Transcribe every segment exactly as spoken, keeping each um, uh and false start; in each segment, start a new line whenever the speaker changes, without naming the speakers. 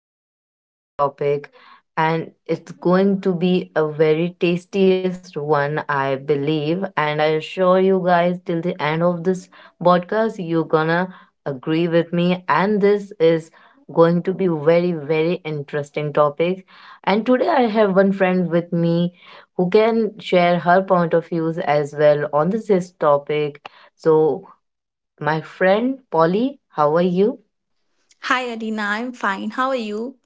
amazing topic, and it's going to be a very tastiest one I believe, and I assure you guys till the end of this podcast you're gonna agree with me, and this is going to be very very interesting topic. And today I have one friend with me who can share her point of views as well on this, this topic. So, my friend Polly, how are you?
Hi, Arina. I'm fine. How are you?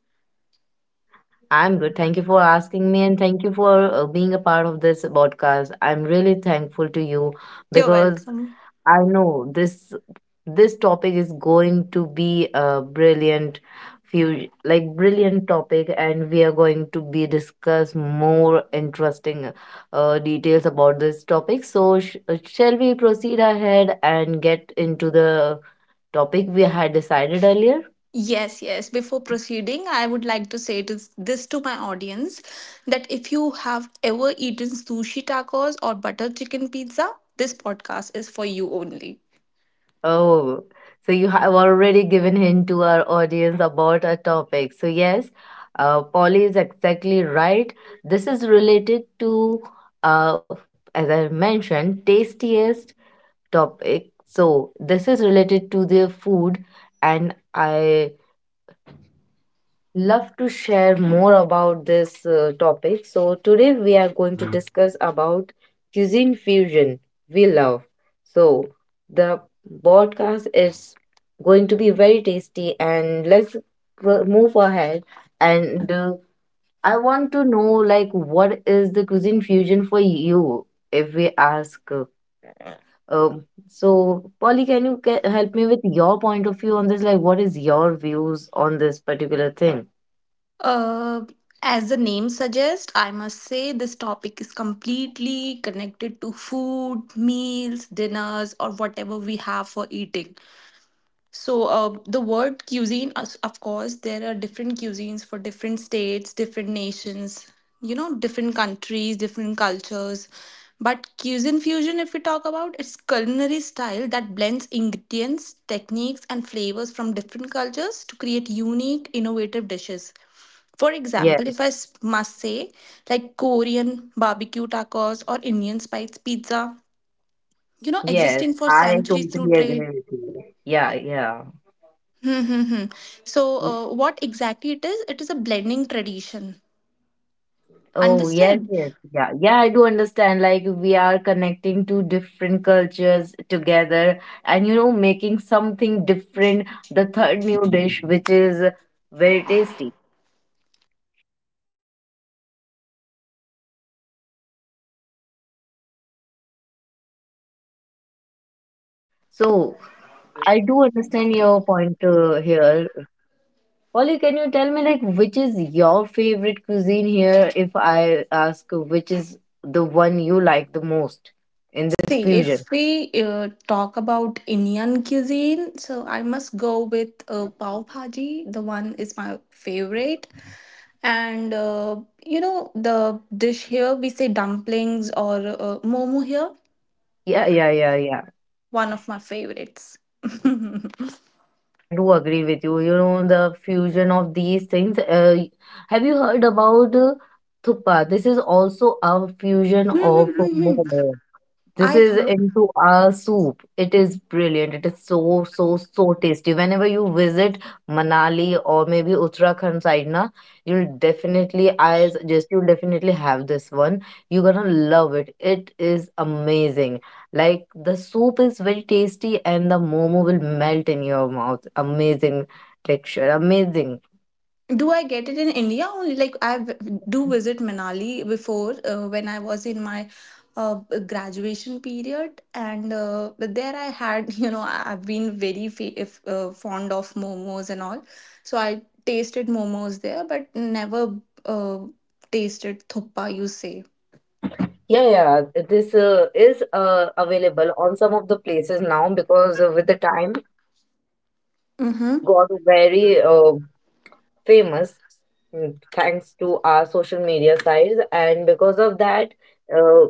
I'm good. Thank you for asking me and thank you for uh, being a part of this podcast. I'm really thankful to you
You're
because
welcome.
I know this this topic is going to be a brilliant few like brilliant topic, and we are going to be discuss more interesting uh, details about this topic, so sh- uh, shall we proceed ahead and get into the topic we had decided earlier.
Yes, yes. Before proceeding, I would like to say this, this to my audience that if you have ever eaten sushi tacos or butter chicken pizza, this podcast is for you only.
Oh, so you have already given hint to our audience about our topic. So yes, uh, Polly is exactly right. This is related to, uh, as I mentioned, tastiest topic. So this is related to the food, and I love to share more about this uh, topic. So today we are going to, yeah, discuss about cuisine fusion we love. So the podcast is going to be very tasty, and let's pro- move ahead, and uh, I want to know like what is the cuisine fusion for you if we ask uh, um so. Polly, can you ca- help me with your point of view on this, like what is your views on this particular thing?
Uh, as the name suggests, I must say this topic is completely connected to food, meals, dinners, or whatever we have for eating. So, uh, the word cuisine, us- of course, there are different cuisines for different states, different nations, you know, different countries, different cultures. But cuisine fusion, if we talk about, it's culinary style that blends ingredients, techniques, and flavors from different cultures to create unique, innovative dishes. For example, if I s- must say, like Korean barbecue tacos or Indian spice pizza, you know,
Yes,
existing for
I
centuries through
totally agree
trade.
with you. Yeah, yeah.
Hmm, hmm, hmm. So,
Mm.
uh, what exactly it is? It is a blending tradition.
Oh, yes,
Understand?
yes. Yeah, yeah, I do understand. Like, we are connecting to different cultures together and, you know, making something different, the third new dish, which is very tasty. So, I do understand your point uh, here. Polly, can you tell me, like, which is your favorite cuisine here? If I ask, which is the one you like the most in this
See,
fusion?
if we uh, talk about Indian cuisine, so I must go with uh, pav bhaji. The one is my favorite, and uh, you know the dish here we say dumplings or uh, momo here.
Yeah, yeah, yeah, yeah.
One of my favorites.
Yeah, I do agree with you. You know, the fusion of these things. Uh, y- have you heard about uh, thuppa? This is also a fusion of momo. This
I
is
heard.
into a soup. It is brilliant. It is so, so, so tasty. Whenever you visit Manali or maybe Uttarakhand side, na, you'll definitely, I suggest, you'll definitely have this one. You're gonna love it. It is amazing. Like, the soup is very tasty and the momo will melt in your mouth. Amazing texture. Amazing.
Do I get it in India only? Like I v- do visit Manali before uh, when I was in my uh, graduation period, and uh, but there I had you know I- I've been very fa- if, uh, fond of momos and all, so I tasted momos there, but never uh, tasted thoppa. You say.
Yeah, yeah, this uh, is uh, available on some of the places now because uh, with the time it
Mm-hmm.
got very uh, famous, mm, thanks to our social media sites, and because of that, uh,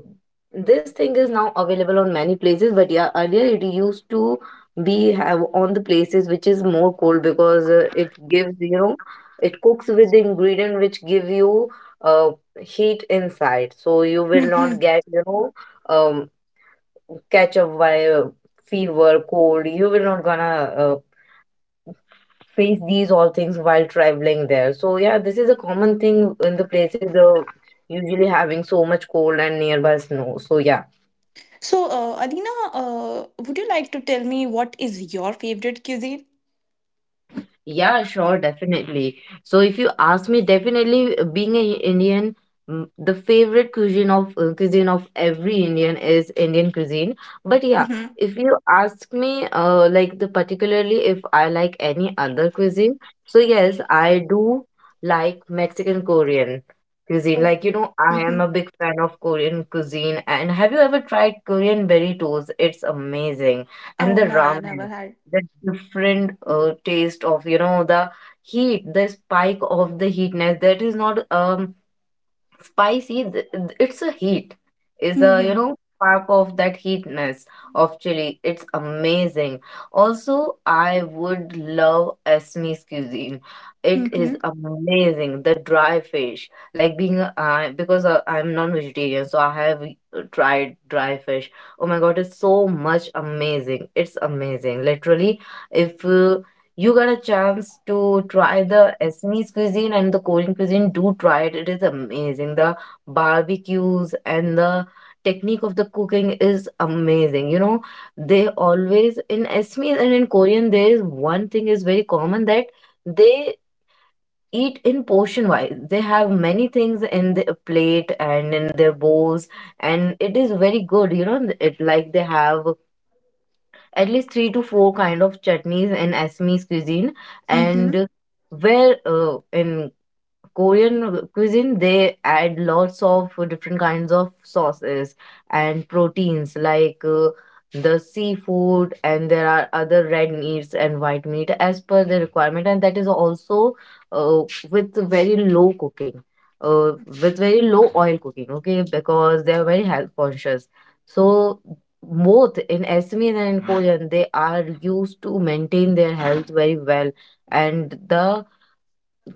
this thing is now available on many places. But yeah, earlier it used to be have on the places which is more cold because uh, it gives, you know it cooks with the ingredient which give you uh, heat inside, so you will not
Mm-hmm.
get you know um, catch up by uh, fever, cold. You will not gonna uh, face these all things while traveling there. So yeah, this is a common thing in the places uh, usually having so much cold and nearby snow. So yeah.
So, uh, Adina, uh, would you like to tell me what is your favorite cuisine?
Yeah, sure, definitely. So, if you ask me, definitely uh, being an Indian, mm, the favorite cuisine of uh, cuisine of every Indian is Indian cuisine. But yeah,
Mm-hmm.
if you ask me, uh, like the particularly if I like any other cuisine, so yes, I do like Mexican Korean cuisine. Like you
Okay.
know, I
Mm-hmm.
am a big fan of Korean cuisine. And have you ever tried Korean burritos? It's amazing, and
Oh
the
no, I never
ramen, the different uh, taste of you know the heat, the spike of the heatness, that is not um spicy. Th- th- it's a heat is the you
had.
know spark of that heatness of chili. It's amazing. Also, I would love Esme's cuisine. It is
Mm-hmm.
amazing, the dry fish. Like, being a- I because I, i'm non-vegetarian, so I have uh, tried dry fish. Oh my god, it's so much amazing, it's amazing literally. If uh, you got a chance to try the Assamese cuisine and the Korean cuisine, do try it. It is amazing. The barbecues and the technique of the cooking is amazing. You know, they always, in Assamese and in Korean, there is one thing is very common, that they eat in portion wise. They have many things in their plate and in their bowls, and it is very good. You know, it like they have at least three to four kind of chutneys in Assamese cuisine,
Mm-hmm.
and where uh, in Korean cuisine, they add lots of different kinds of sauces and proteins like uh, the seafood, and there are other red meats and white meat as per the requirement, and that is also uh, with very low cooking, uh, with very low oil cooking, okay, because they are very health conscious. So both in Assamese and in Korean, they are used to maintain their health very well, and the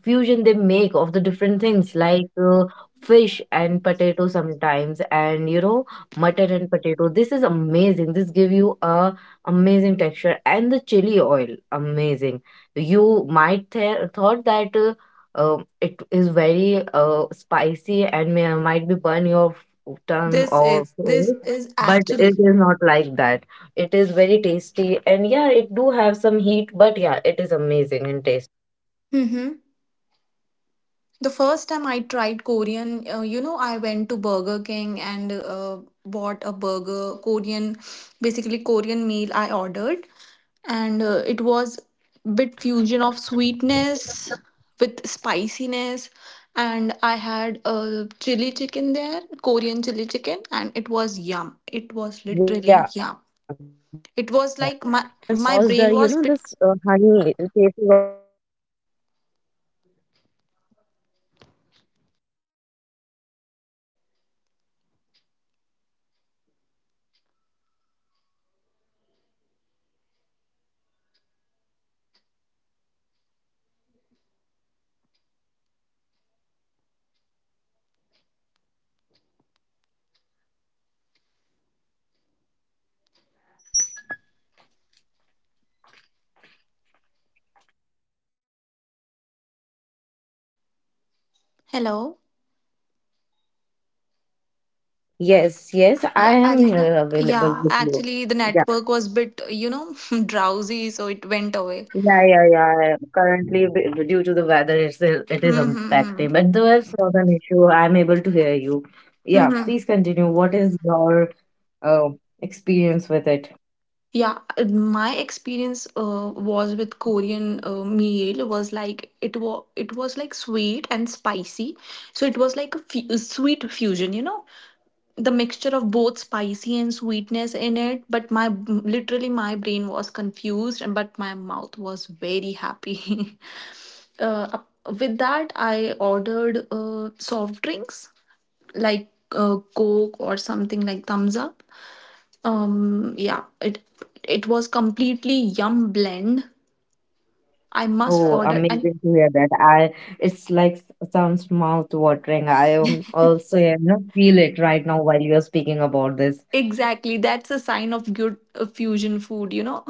fusion they make of the different things like uh, fish and potato sometimes, and you know mutton and potato, this is amazing. This give you a amazing texture, and the chili oil amazing. You might th- thought that uh, uh, it is very uh, spicy and may might be burn your f- tongue
This
or
is this
face,
is
but
actually.
it is not like that. It is very tasty, and yeah, it do have some heat, but yeah, it is amazing in taste.
Mm-hmm. The first time I tried Korean, uh, you know, I went to Burger King and uh, bought a burger, Korean, basically Korean meal I ordered, and uh, it was bit fusion of sweetness with spiciness, and I had a chili chicken there, Korean chili chicken, and it was yum. It was literally
Yeah,
yum.
yeah, yeah.
It was
The
like my
sauce, the you
my
know this
brain was
uh,
bit.
honey taste is also hit. Amazing. Yes.
Hello.
Yes, yes,
Yeah,
I am
Alina.
here
Yeah,
available with you.
actually, the
Yeah,
network was bit, you know, drowsy, so it went away.
yeah, yeah, yeah. Currently, b- due to the weather, it's uh, it is
Mm-hmm.
impacting, but there's not an issue. I'm able to hear you. Yeah,
Mm-hmm.
please continue. What is your uh, experience with it?
Yeah, my experience uh, was with Korean uh, meal was like it was it was like sweet and spicy, so it was like a fu- sweet fusion, you know. The mixture of both spicy and sweetness in it, but my literally my brain was confused, and but my mouth was very happy. Uh, with that I ordered uh, soft drinks like uh, coke or something like thumbs up. Um, yeah, it it was completely yum blend I must
Oh,
order. And
amazing to hear that. I it's like s- sounds mouth watering. I am also, you know, feel it right now while you're speaking about this.
exactly, that's a sign of good uh, fusion food, you know.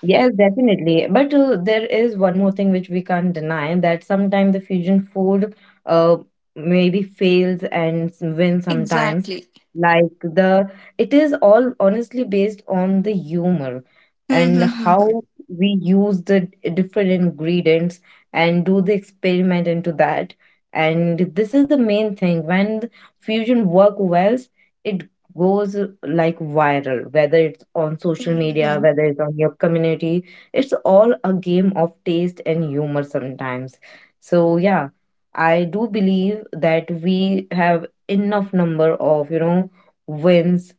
Yes, definitely. But uh, there is one more thing which we can't deny, that sometimes the fusion food uh, maybe fails and s- wins sometimes.
Exactly.
Like the, it is all honestly based on the humor and how we use the d- different ingredients and do the experiment into that. And this is the main thing. When the fusion work well, it goes like viral, whether it's on social media, whether it's on your community. It's all a game of taste and humor sometimes. So yeah, I do believe that we have enough number of, you know, wins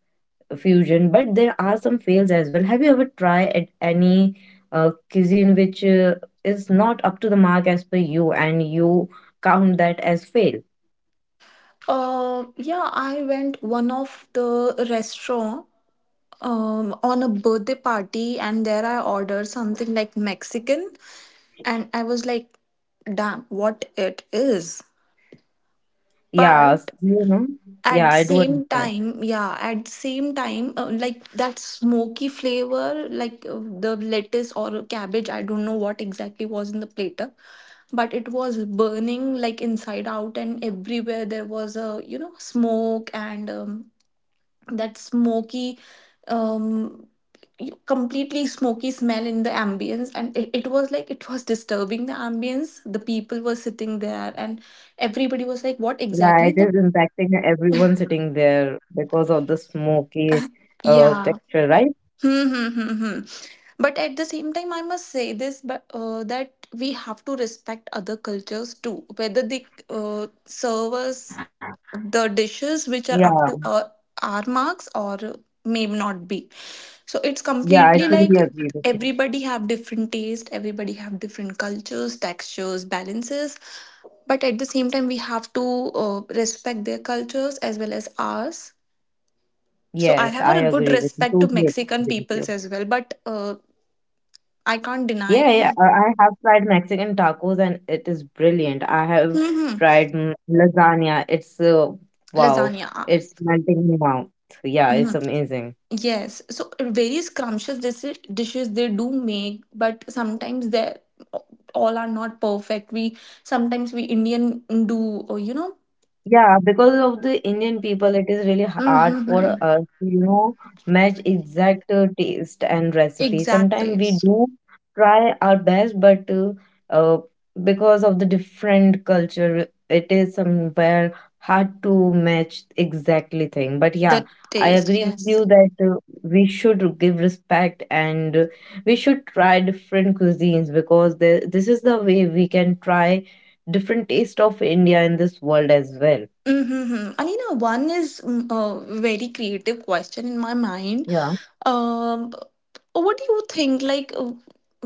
fusion, but there are some fails as well. Have you ever tried at any uh, cuisine which uh, is not up to the mark as per you and you count that as fail?
Uh, yeah, I went one of the restaurant um, on a birthday party, and there I ordered something like Mexican, and I was like, "Damn, what it is!"
Yeah,
But
s- you know. Yeah,
at the
I do
same
understand.
time, yeah, at the same time, uh, like that smoky flavor, like uh, the lettuce or cabbage, I don't know what exactly was in the platter, but it was burning like inside out, and everywhere there was a you know smoke and um, that smoky um you- completely smoky smell in the ambience, and it, it was like it was disturbing the ambience, the people were sitting there, and everybody was like what
Yeah, it
exactly
is
the.
impacting everyone sitting there because of the smoky uh,
Yeah.
texture, right?
Hmm, hmm, hmm, hmm. But at the same time I must say this, but uh, that we have to respect other cultures too, whether they uh, serve us the dishes which are
Yeah,
up to our, our marks or may not be. So it's
yeah, I
completely
truly
like
agree with you.
everybody have different taste, everybody have different cultures, textures, balances. But at the same time, we have to uh, respect their cultures as well as ours. So I
Yes,
have
I
a good
agree with you.
respect to
Totally agree with
Mexican
you.
peoples as well, but uh, I can't
Yeah,
deny.
yeah, I I have tried Mexican tacos and it is brilliant. I have
Hmm.
tried mm, lasagna. It's uh, wow,
Lasagna.
it's melting in your mouth. Yeah, it's
Mhm.
amazing.
Yes, so various scrumptious dis- dishes they do make, but sometimes they all are not perfect. We sometimes we Indian do uh, you know.
Yeah, because of the Indian people, it is really hard for
Mm-hmm.
us to, you know, match exact uh, taste and recipe. Sometimes
Exactly.
we do try our best, but uh, uh, because of the different culture, it is somewhere hard to match exactly thing. But yeah,
The
I
taste,
agree with
yes.
you that uh, we should give respect, and uh, we should try different cuisines, because the, this is the way we can try different taste of India in this world as well.
Mm-hmm. And you know, one is mm, a very creative question in my mind.
Yeah,
Um, what do you think? Like, uh,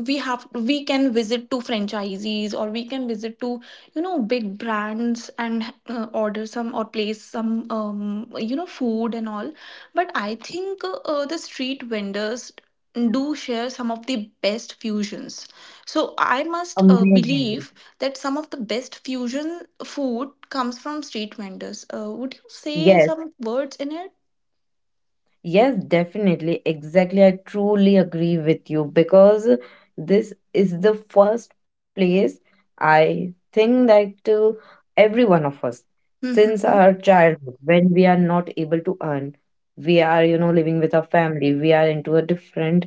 we have we can visit to franchisees or we can visit to you know big brands and uh, order some or place some um you know food and all. But I think uh, the street vendors do share some of the best fusions. So I must uh,
amazing.
believe that some of the best fusion food comes from street vendors. Uh, would you say
Yes,
some words in it?
yes, definitely. Exactly. I truly agree with you because this is the first place I think that uh, every one of us, since
Mm-hmm.
our childhood, when we are not able to earn, we are, you know, living with our family, we are into a different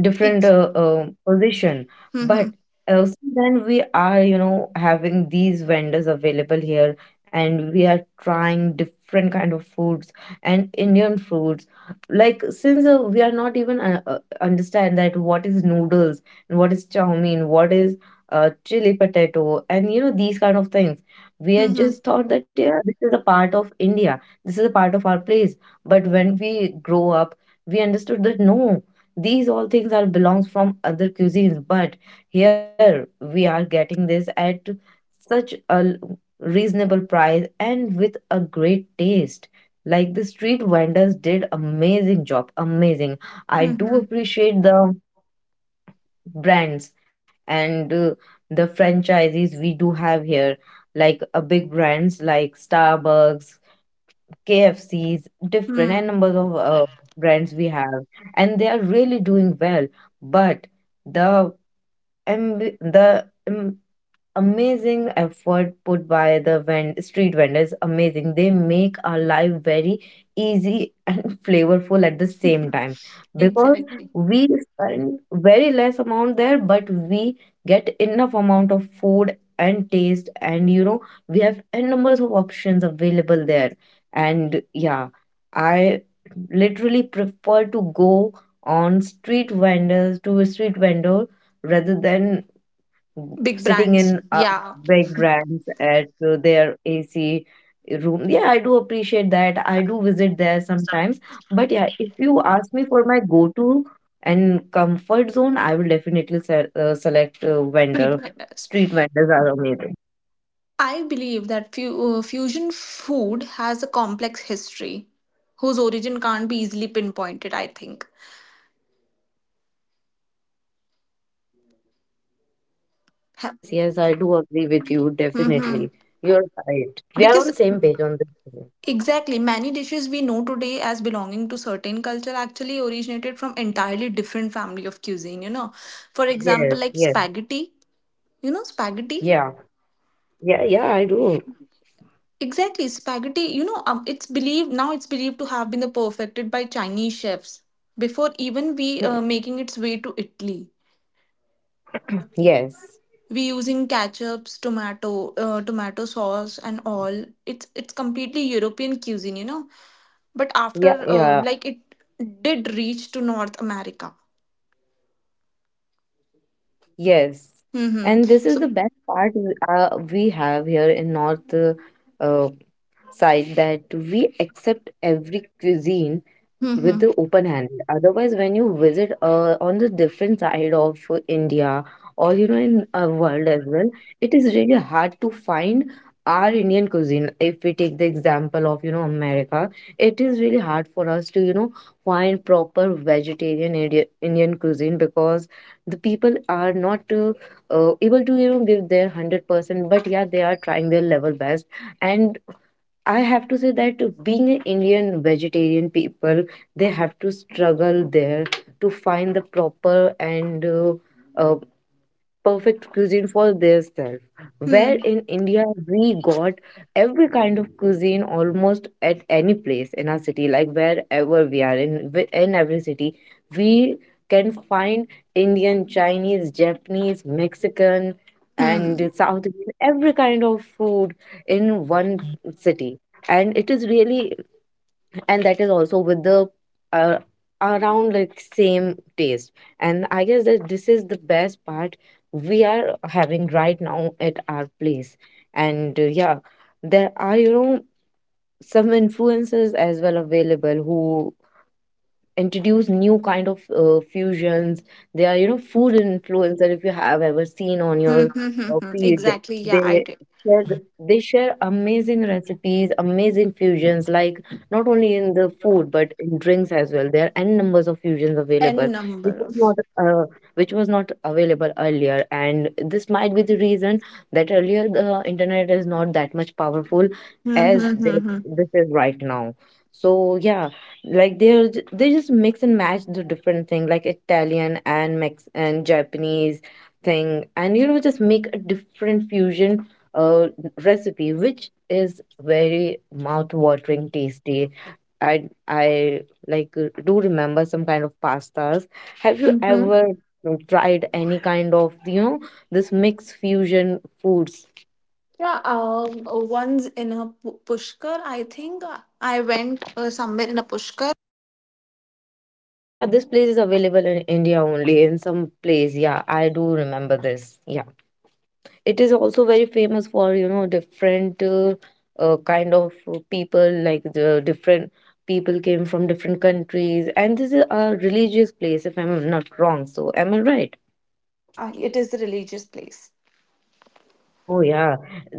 different uh, uh, position, but also then we are you know having these vendors available here, and we are trying different kind of foods and Indian foods, like since uh, we are not even uh, uh, understand that what is noodles and what is chow mein, what is uh, chili potato and you know these kind of things. We had
Mm-hmm.
just thought that yeah, this is a part of India, this is a part of our place. But when we grow up, we understood that no, these all things are belongs from other cuisines, but here we are getting this at such a l- reasonable price and with a great taste. Like the street vendors did amazing job, amazing. I do
Mm-hmm.
appreciate the brands and uh, the franchises we do have here, like a big brands like Starbucks, K F Cs, different and
Mm.
numbers of uh, brands we have, and they are really doing well. But the amb- the amazing effort put by the vend- street vendors, amazing, they make our life very easy and flavorful at the same time, because
Exactly.
we spend very less amount there, but we get enough amount of food and taste and you know we have n numbers of options available there. And yeah, I literally prefer to go on street vendors to a street vendor rather than
Big
sitting
brands,
in uh,
yeah,
big brands at uh, their A C room. Yeah, I do appreciate that. I do visit there sometimes. But yeah, if you ask me for my go-to and comfort zone, I will definitely se uh, select uh,
street
vendor.
vendors.
Street vendors are amazing.
I believe that fu- uh, fusion food has a complex history whose origin can't be easily pinpointed, I think.
Yes, yes, I do agree with you.
Mm-hmm.
Definitely. You're right. We are
Because
on same page on this one.
exactly, many dishes we know today as belonging to certain culture actually originated from entirely different family of cuisine, you know. For example,
Yes,
like
yes,
spaghetti, you know, spaghetti.
yeah, yeah, yeah, I do.
Exactly, spaghetti. You know, um, it's believed now it's believed to have been perfected by Chinese chefs before even we uh, making its way to Italy.
Yes.
We using ketchups, tomato, uh, tomato sauce, and all. It's it's completely European cuisine, you know. But
Yeah,
after, uh,
yeah.
like it did reach to North America.
Yes,
Mm-hmm.
and this is the
So,
best part w- uh, we have here in North uh, uh, side, that we accept every cuisine with
mm-hmm.
the open hand. Otherwise, when you visit uh, on the different side of uh, India, or you know in uh, world as well, it is really hard to find our Indian cuisine. If we take the example of you know America, it is really hard for us to you know find proper vegetarian Indi- Indian cuisine, because the people are not uh, uh, able to you know give their hundred percent. But yeah, they are trying their level best, and I have to say that being an Indian vegetarian people, they have to struggle there to find the proper and uh, uh, perfect cuisine for theirself. Where
Hmm.
in India we got every kind of cuisine almost at any place in our city, like wherever we are in wi- in every city, we can find Indian, Chinese, Japanese, Mexican,
Hmm. Hmm.
and
Hmm.
South Indian, every kind of food in one city. And it is really, and that is also with the uh, around like same taste, and I guess that this is the best part we are having right now at our place. And uh, yeah, there are you know some influencers as well available who introduce new kind of uh, fusions. They are you know food influencer, if you have ever seen on
Hmm,
your
hmm. Hmm,
uh,
hmm.
feed.
Exactly. Yeah, I
They
did.
share the- they share amazing recipes, amazing fusions, like not only in the food but in drinks as well. There are n numbers of fusions available
N
which
number
was
of.
not uh, which was not available earlier, and this might be the reason that earlier the internet is not that much powerful as this,
Mm-hmm.
this is right now. So yeah, like they're j- they just mix and match the different thing like Italian and Mex and Japanese thing, and you know just make a different fusion uh recipe which is very mouth-watering tasty. I i like, uh, do remember some kind of pastas. Have you ever uh, tried any kind of you know this mixed fusion foods?
Yeah, um, once in a pu- pushkar, I think uh, I went uh, somewhere in a pushkar.
Oh yeah, this place is available in India only in some place. Yeah, I do remember this. Yeah, it is also very famous for, you know, different uh, uh, kind of people, like the different people came from different countries. And this is a religious place, if I'm not wrong. So, am I right?
Yeah, it is a religious place.
Oh yeah.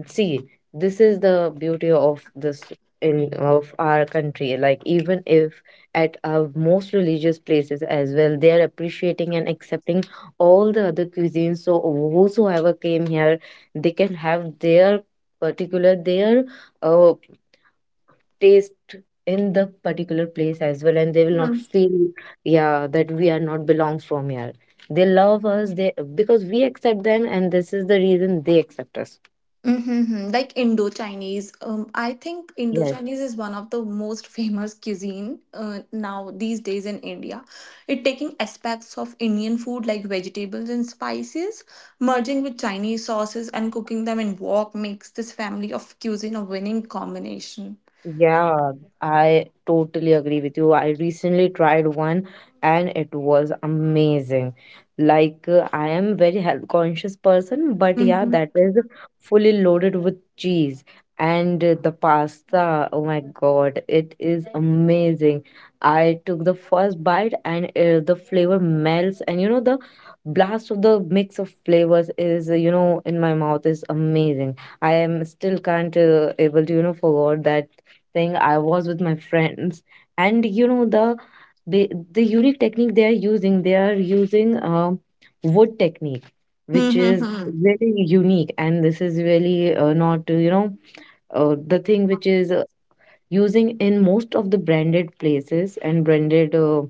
See, this is the beauty of this in of our country. Like even if at our most religious places as well, they are appreciating and accepting all the other cuisines. So whosoever came here, they can have their particular their uh taste in the particular place as well, and they will not
Hmm.
feel, yeah, that we are not belongs from here. They love us, they because we accept them, and this is the reason they accept us.
Mm-hmm. Like Indo Chinese. Um, I think
Yes,
Indo
yes.
Chinese is one of the most famous cuisine uh, now these days in India. It taking aspects of Indian food like vegetables and spices, merging with Chinese sauces and cooking them in wok makes this family of cuisine a winning combination.
Yeah, I totally agree with you. I recently tried one and it was amazing. Like uh, I am very health conscious person, but yeah,
Mm-hmm.
that is fully loaded with cheese and uh, the pasta. Oh my God, it is amazing. I took the first bite and uh, the flavor melts, and you know the blast of the mix of flavors is uh, you know in my mouth is amazing. I am still can't uh, able to you know forget that thing. I was with my friends, and you know the the, the unique technique they are using. They are using um wood technique, which is
Mm-hmm.
really unique, and this is really uh, not, uh, you know uh, the thing which is uh, using in most of the branded places and branded uh,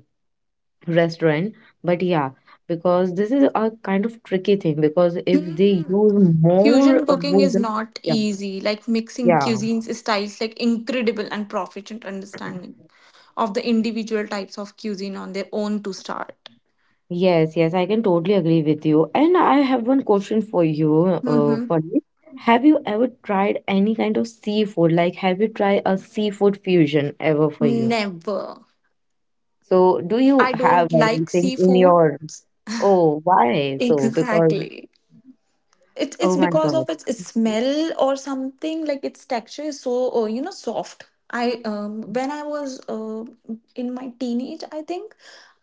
restaurant. But yeah, because this is a kind of tricky thing, because if they use more
Fusion
of
cooking is
wood,
not
yeah,
easy. Like mixing
yeah.
cuisines styles like incredible and proficient understanding of the individual types of cuisine on their own to start.
Yes, yes, I can totally agree with you. And I have one question for you, uh,
Mm-hmm.
Pandit. Have you ever tried any kind of seafood? Like, have you tried a seafood fusion ever for you?
Never.
So, do you
I
have
don't like
anything in
seafood.
your? Oh, why? So, because
Exactly. It,
oh
it's
my
because
God,
of its smell or something like its texture is so uh, you know soft. I um, when I was uh, in my teenage I think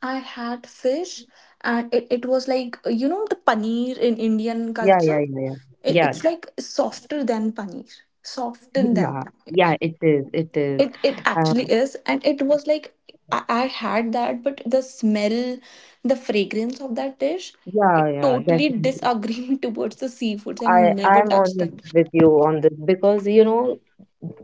I had fish, and it, it was like uh, you know the paneer in Indian
yeah,
culture.
yeah, yeah,
it,
yeah,
it's like softer than paneer, softer
yeah,
than
yeah,
paneer.
yeah. It is, it is.
it it
Uh,
actually is, and it was like I, I had that, but the smell, the fragrance of that dish,
yeah,
it
yeah,
totally
definitely.
disagreement towards the seafoods
I
and never
I'm on,
touched
th-
them.
with you on this, because you know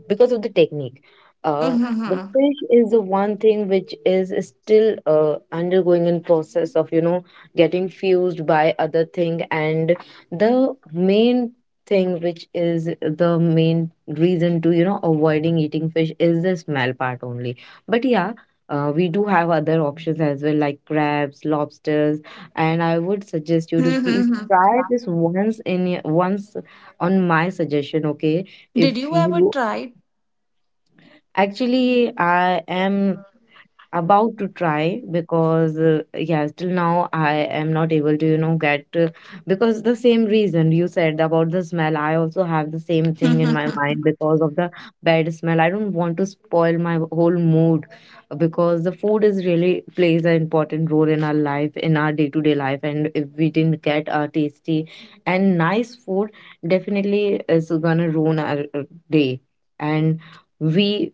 because of the technique. Uh, the
Mm-hmm.
fish is the one thing which is still uh, undergoing in process of you know getting fused by other thing, and the main thing which is the main reason to you know avoiding eating fish is the smell part only. But yeah, uh, we do have other options as well like crabs, lobsters, and I would suggest you to
Mm-hmm.
please
Mm-hmm.
try this once in your- once on my suggestion, okay?
Did
If
you ever
you
try?
actually I am about to try because, uh, yeah, till now I am not able to you know get, uh, because the same reason you said about the smell, I also have the same thing in my
Mm-hmm.
mind, because of the bad smell I don't want to spoil my whole mood, because the food is really plays an important role in our life, in our day-to-day life. And if we didn't get a tasty and nice food, definitely is gonna ruin our uh, day. And we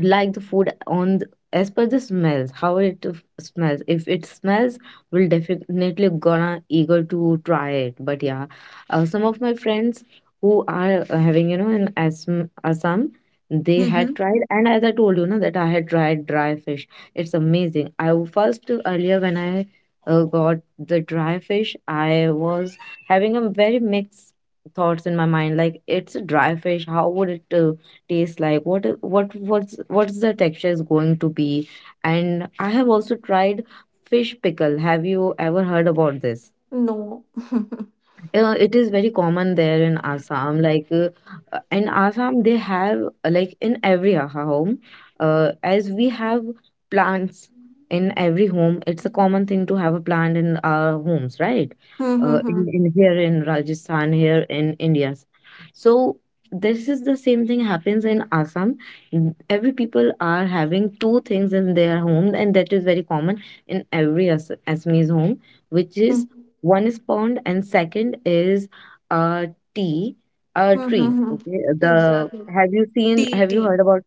like the food on the, as per the smells, how it f- smells. If it smells, we'll definitely gonna eager to try it. But yeah, uh, some of my friends who are uh, having you know in Assam, Assam, they had tried, and as I told you know that I had tried dry fish. It's amazing. I w- first, uh, earlier when I uh, got the dry fish, I was having a very mixed thoughts in my mind, like it's a dry fish, how would it uh, taste like, what i- what what's what's the texture is going to be. And I have also tried fish pickle. Have you ever heard about this?
No.
Uh, it is very common there in Assam. Like, uh, uh, in Assam, they have, uh, like in every ho- home, uh, as we have plants in every home. It's a common thing to have a plant in our homes, right? Uh,
Mm-hmm.
in, in, here in Rajasthan, here in India. So this is the same thing happens in Assam. N- Every people are having two things in their home, and that is very common in every As- Assamese home, which is, one is pond and second is uh tea, a tree.
Mm-hmm.
Okay, the
Exactly.
have you seen?
Tea,
Have you
tea.
heard about?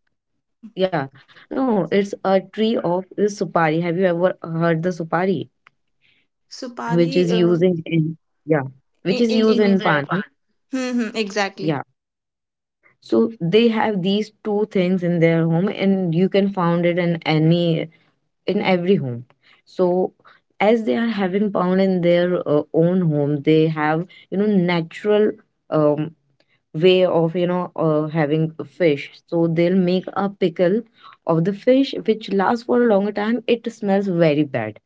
Yeah, no, it's a tree of the supari. Have you ever heard the supari, which
Supari
is
uh,
using in yeah,
in
which is
in
used
Indian.
in pan? Huh?
Mm-hmm. Exactly.
Yeah. So they have these two things in their home, and you can found it in any in every home. So as they are having pound in their uh, own home, they have you know natural um way of you know uh, having fish, so they'll make a pickle of the fish which lasts for a longer time. It smells very bad.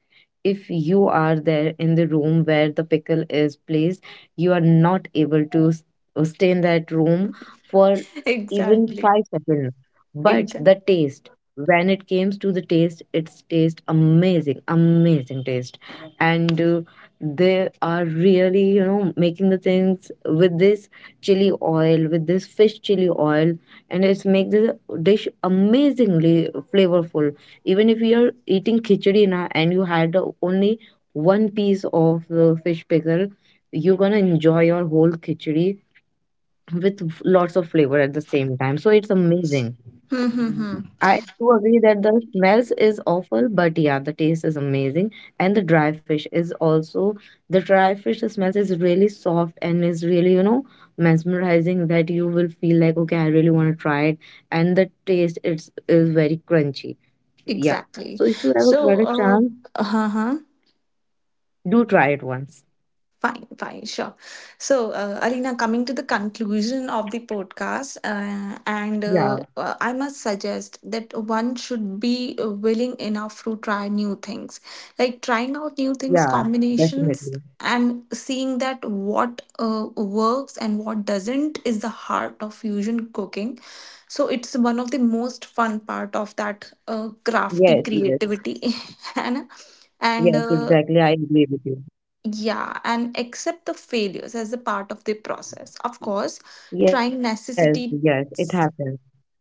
If you are there in the room where the pickle is placed, you are not able to s- uh, stay in that room for even
Exactly.
five seconds. But
Exactly.
the taste, when it comes to the taste, it's taste amazing, amazing taste. And uh, they are really, you know, making the things with this chili oil, with this fish chili oil, and it's make the dish amazingly flavorful. Even if you're eating khichdi na, and you had uh, only one piece of uh, fish pickle, you're gonna enjoy your whole khichdi with f- lots of flavor at the same time, so it's amazing.
Mm-hmm.
I do agree that the smells is awful, but yeah, the taste is amazing. And the dry fish is also the dry fish smells is really soft and is really, you know, mesmerizing, that you will feel like, okay, I really want to try it. And the taste it's is very crunchy. Yeah.
Exactly.
So if you ever get
So,
a
uh,
chance,
uh-huh.
do try it once.
Fine, fine, sure. So, uh, Alina, coming to the conclusion of the podcast, uh, and uh,
Yeah,
uh, I must suggest that one should be willing enough to try new things, like trying out new things,
yeah, definitely.
combinations, and seeing that what uh, works and what doesn't is the heart of fusion cooking. So, it's one of the most fun part of that uh, crafty
Yes, yes,
creativity, and and
yes,
uh,
exactly. I agree with you.
yeah, and accept the failures as a part of the process. Of course trying
Yes,
necessity
yes, it happens.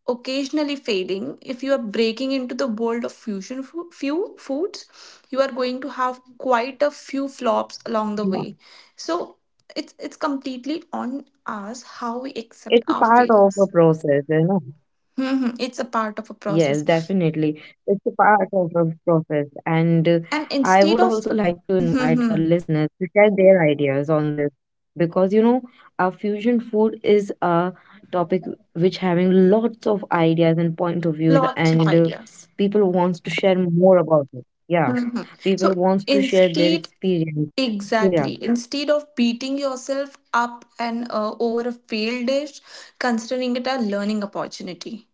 occasionally failing, if you are breaking into the world of fusion fu- few foods, you are going to have quite a few
Uh,
flops along the way. So it's it's completely on us how we
It's
accept
a
our
part of a
failures.
process, you know.
Hmm, it's a part of a
Yes,
process.
definitely. It's a part of the process. And uh,
And
I
instead
would
of
also like to invite our
hmm,
listeners to share their ideas on this, because, you know, our fusion food is a topic which having lots of ideas and point of views,
lots of
and uh,
ideas.
people wants to share more about it. Yeah.
Hmm.
People
So
wants to share their
instead.
experience. So, yeah.
Exactly. Instead of beating yourself up and uh, over a failed dish, considering it a learning opportunity.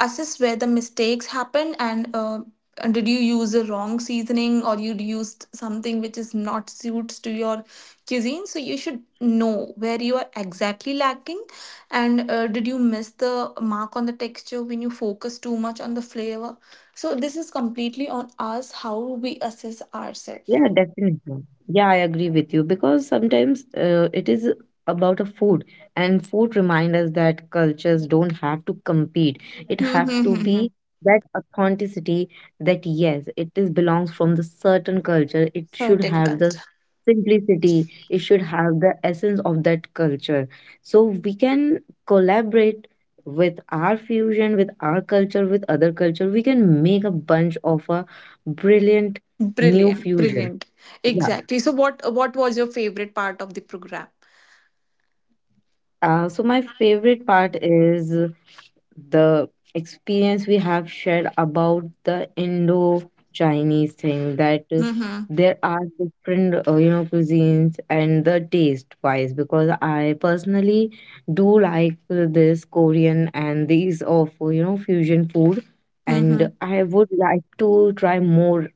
Assess where the mistakes happen, and uh, and did you use the wrong seasoning or you used something which is not suits to your cuisine? So you should know where you are exactly lacking, and uh, did you miss the mark on the texture when you focus too much on the flavor? So this is completely on us how we assess ourselves.
Yeah, definitely. Yeah, I agree with you, because sometimes uh, it is about a food, and food remind us that cultures don't have to compete.
Hmm,
It
hmm,
have
hmm,
to
hmm.
be that authenticity, that yes, it is belongs from the certain culture. It
Certain
should have
culture.
the simplicity. It should have the essence of that culture. So we can collaborate with our fusion, with our culture, with other culture. We can make a bunch of a brilliant new
Brilliant,
fusion.
brilliant.
Yeah.
Exactly. So what what was your favorite part of the program?
Uh, so my favorite part is the experience we have shared about the Indo-Chinese thing, that uh,
Mm-hmm.
there are different uh, you know cuisines and the taste wise, because I personally do like uh, this Korean and these of uh, you know fusion food. And
Mm-hmm.
I would like to try more,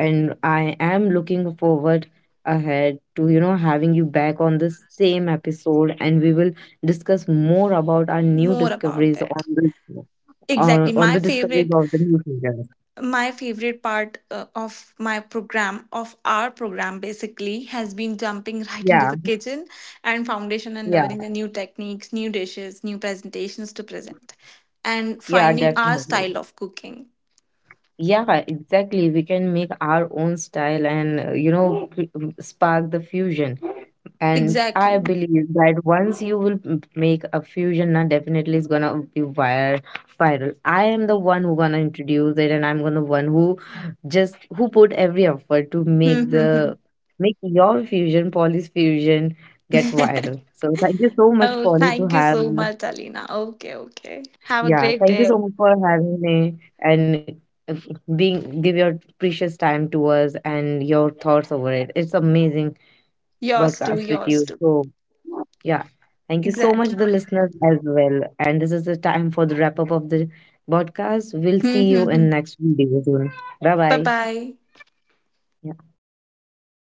and I am looking forward ahead to you know having you back on the same episode, and we will discuss more about our new
More about
discoveries
it.
on the,
Exactly.
on, on
My
the discoveries
favorite,
of the new figures.
my favorite part uh, of my program of our program basically has been jumping right
Yeah,
into the kitchen and foundation and
yeah,
learning the new techniques, new dishes, new presentations to present and
yeah,
finding our
definitely.
style of cooking.
Yeah, exactly. We can make our own style and, uh, you know cre- spark the fusion. And I
Exactly.
believe that once you will m- make a fusion, now definitely it's gonna be vir- viral. I am the one who gonna introduce it, and I'm gonna one who just who put every effort to make
Mm-hmm.
the make your fusion, Polly's fusion, get viral. So thank you so much,
Oh,
Polly, to
thank you
have.
so much, Alina. Okay, okay. Have a
Yeah.
great
Thank you so
day.
much for having me and, uh, being give your precious time to us and your thoughts over it. It's amazing
Yours too,
podcast with
yours
you.
too.
So yeah. Thank you so much,
Exactly.
the listeners, as well. And this is the time for the wrap up of the podcast. We'll see you in
Mm-hmm.
next video soon. Bye
Bye
bye.
bye.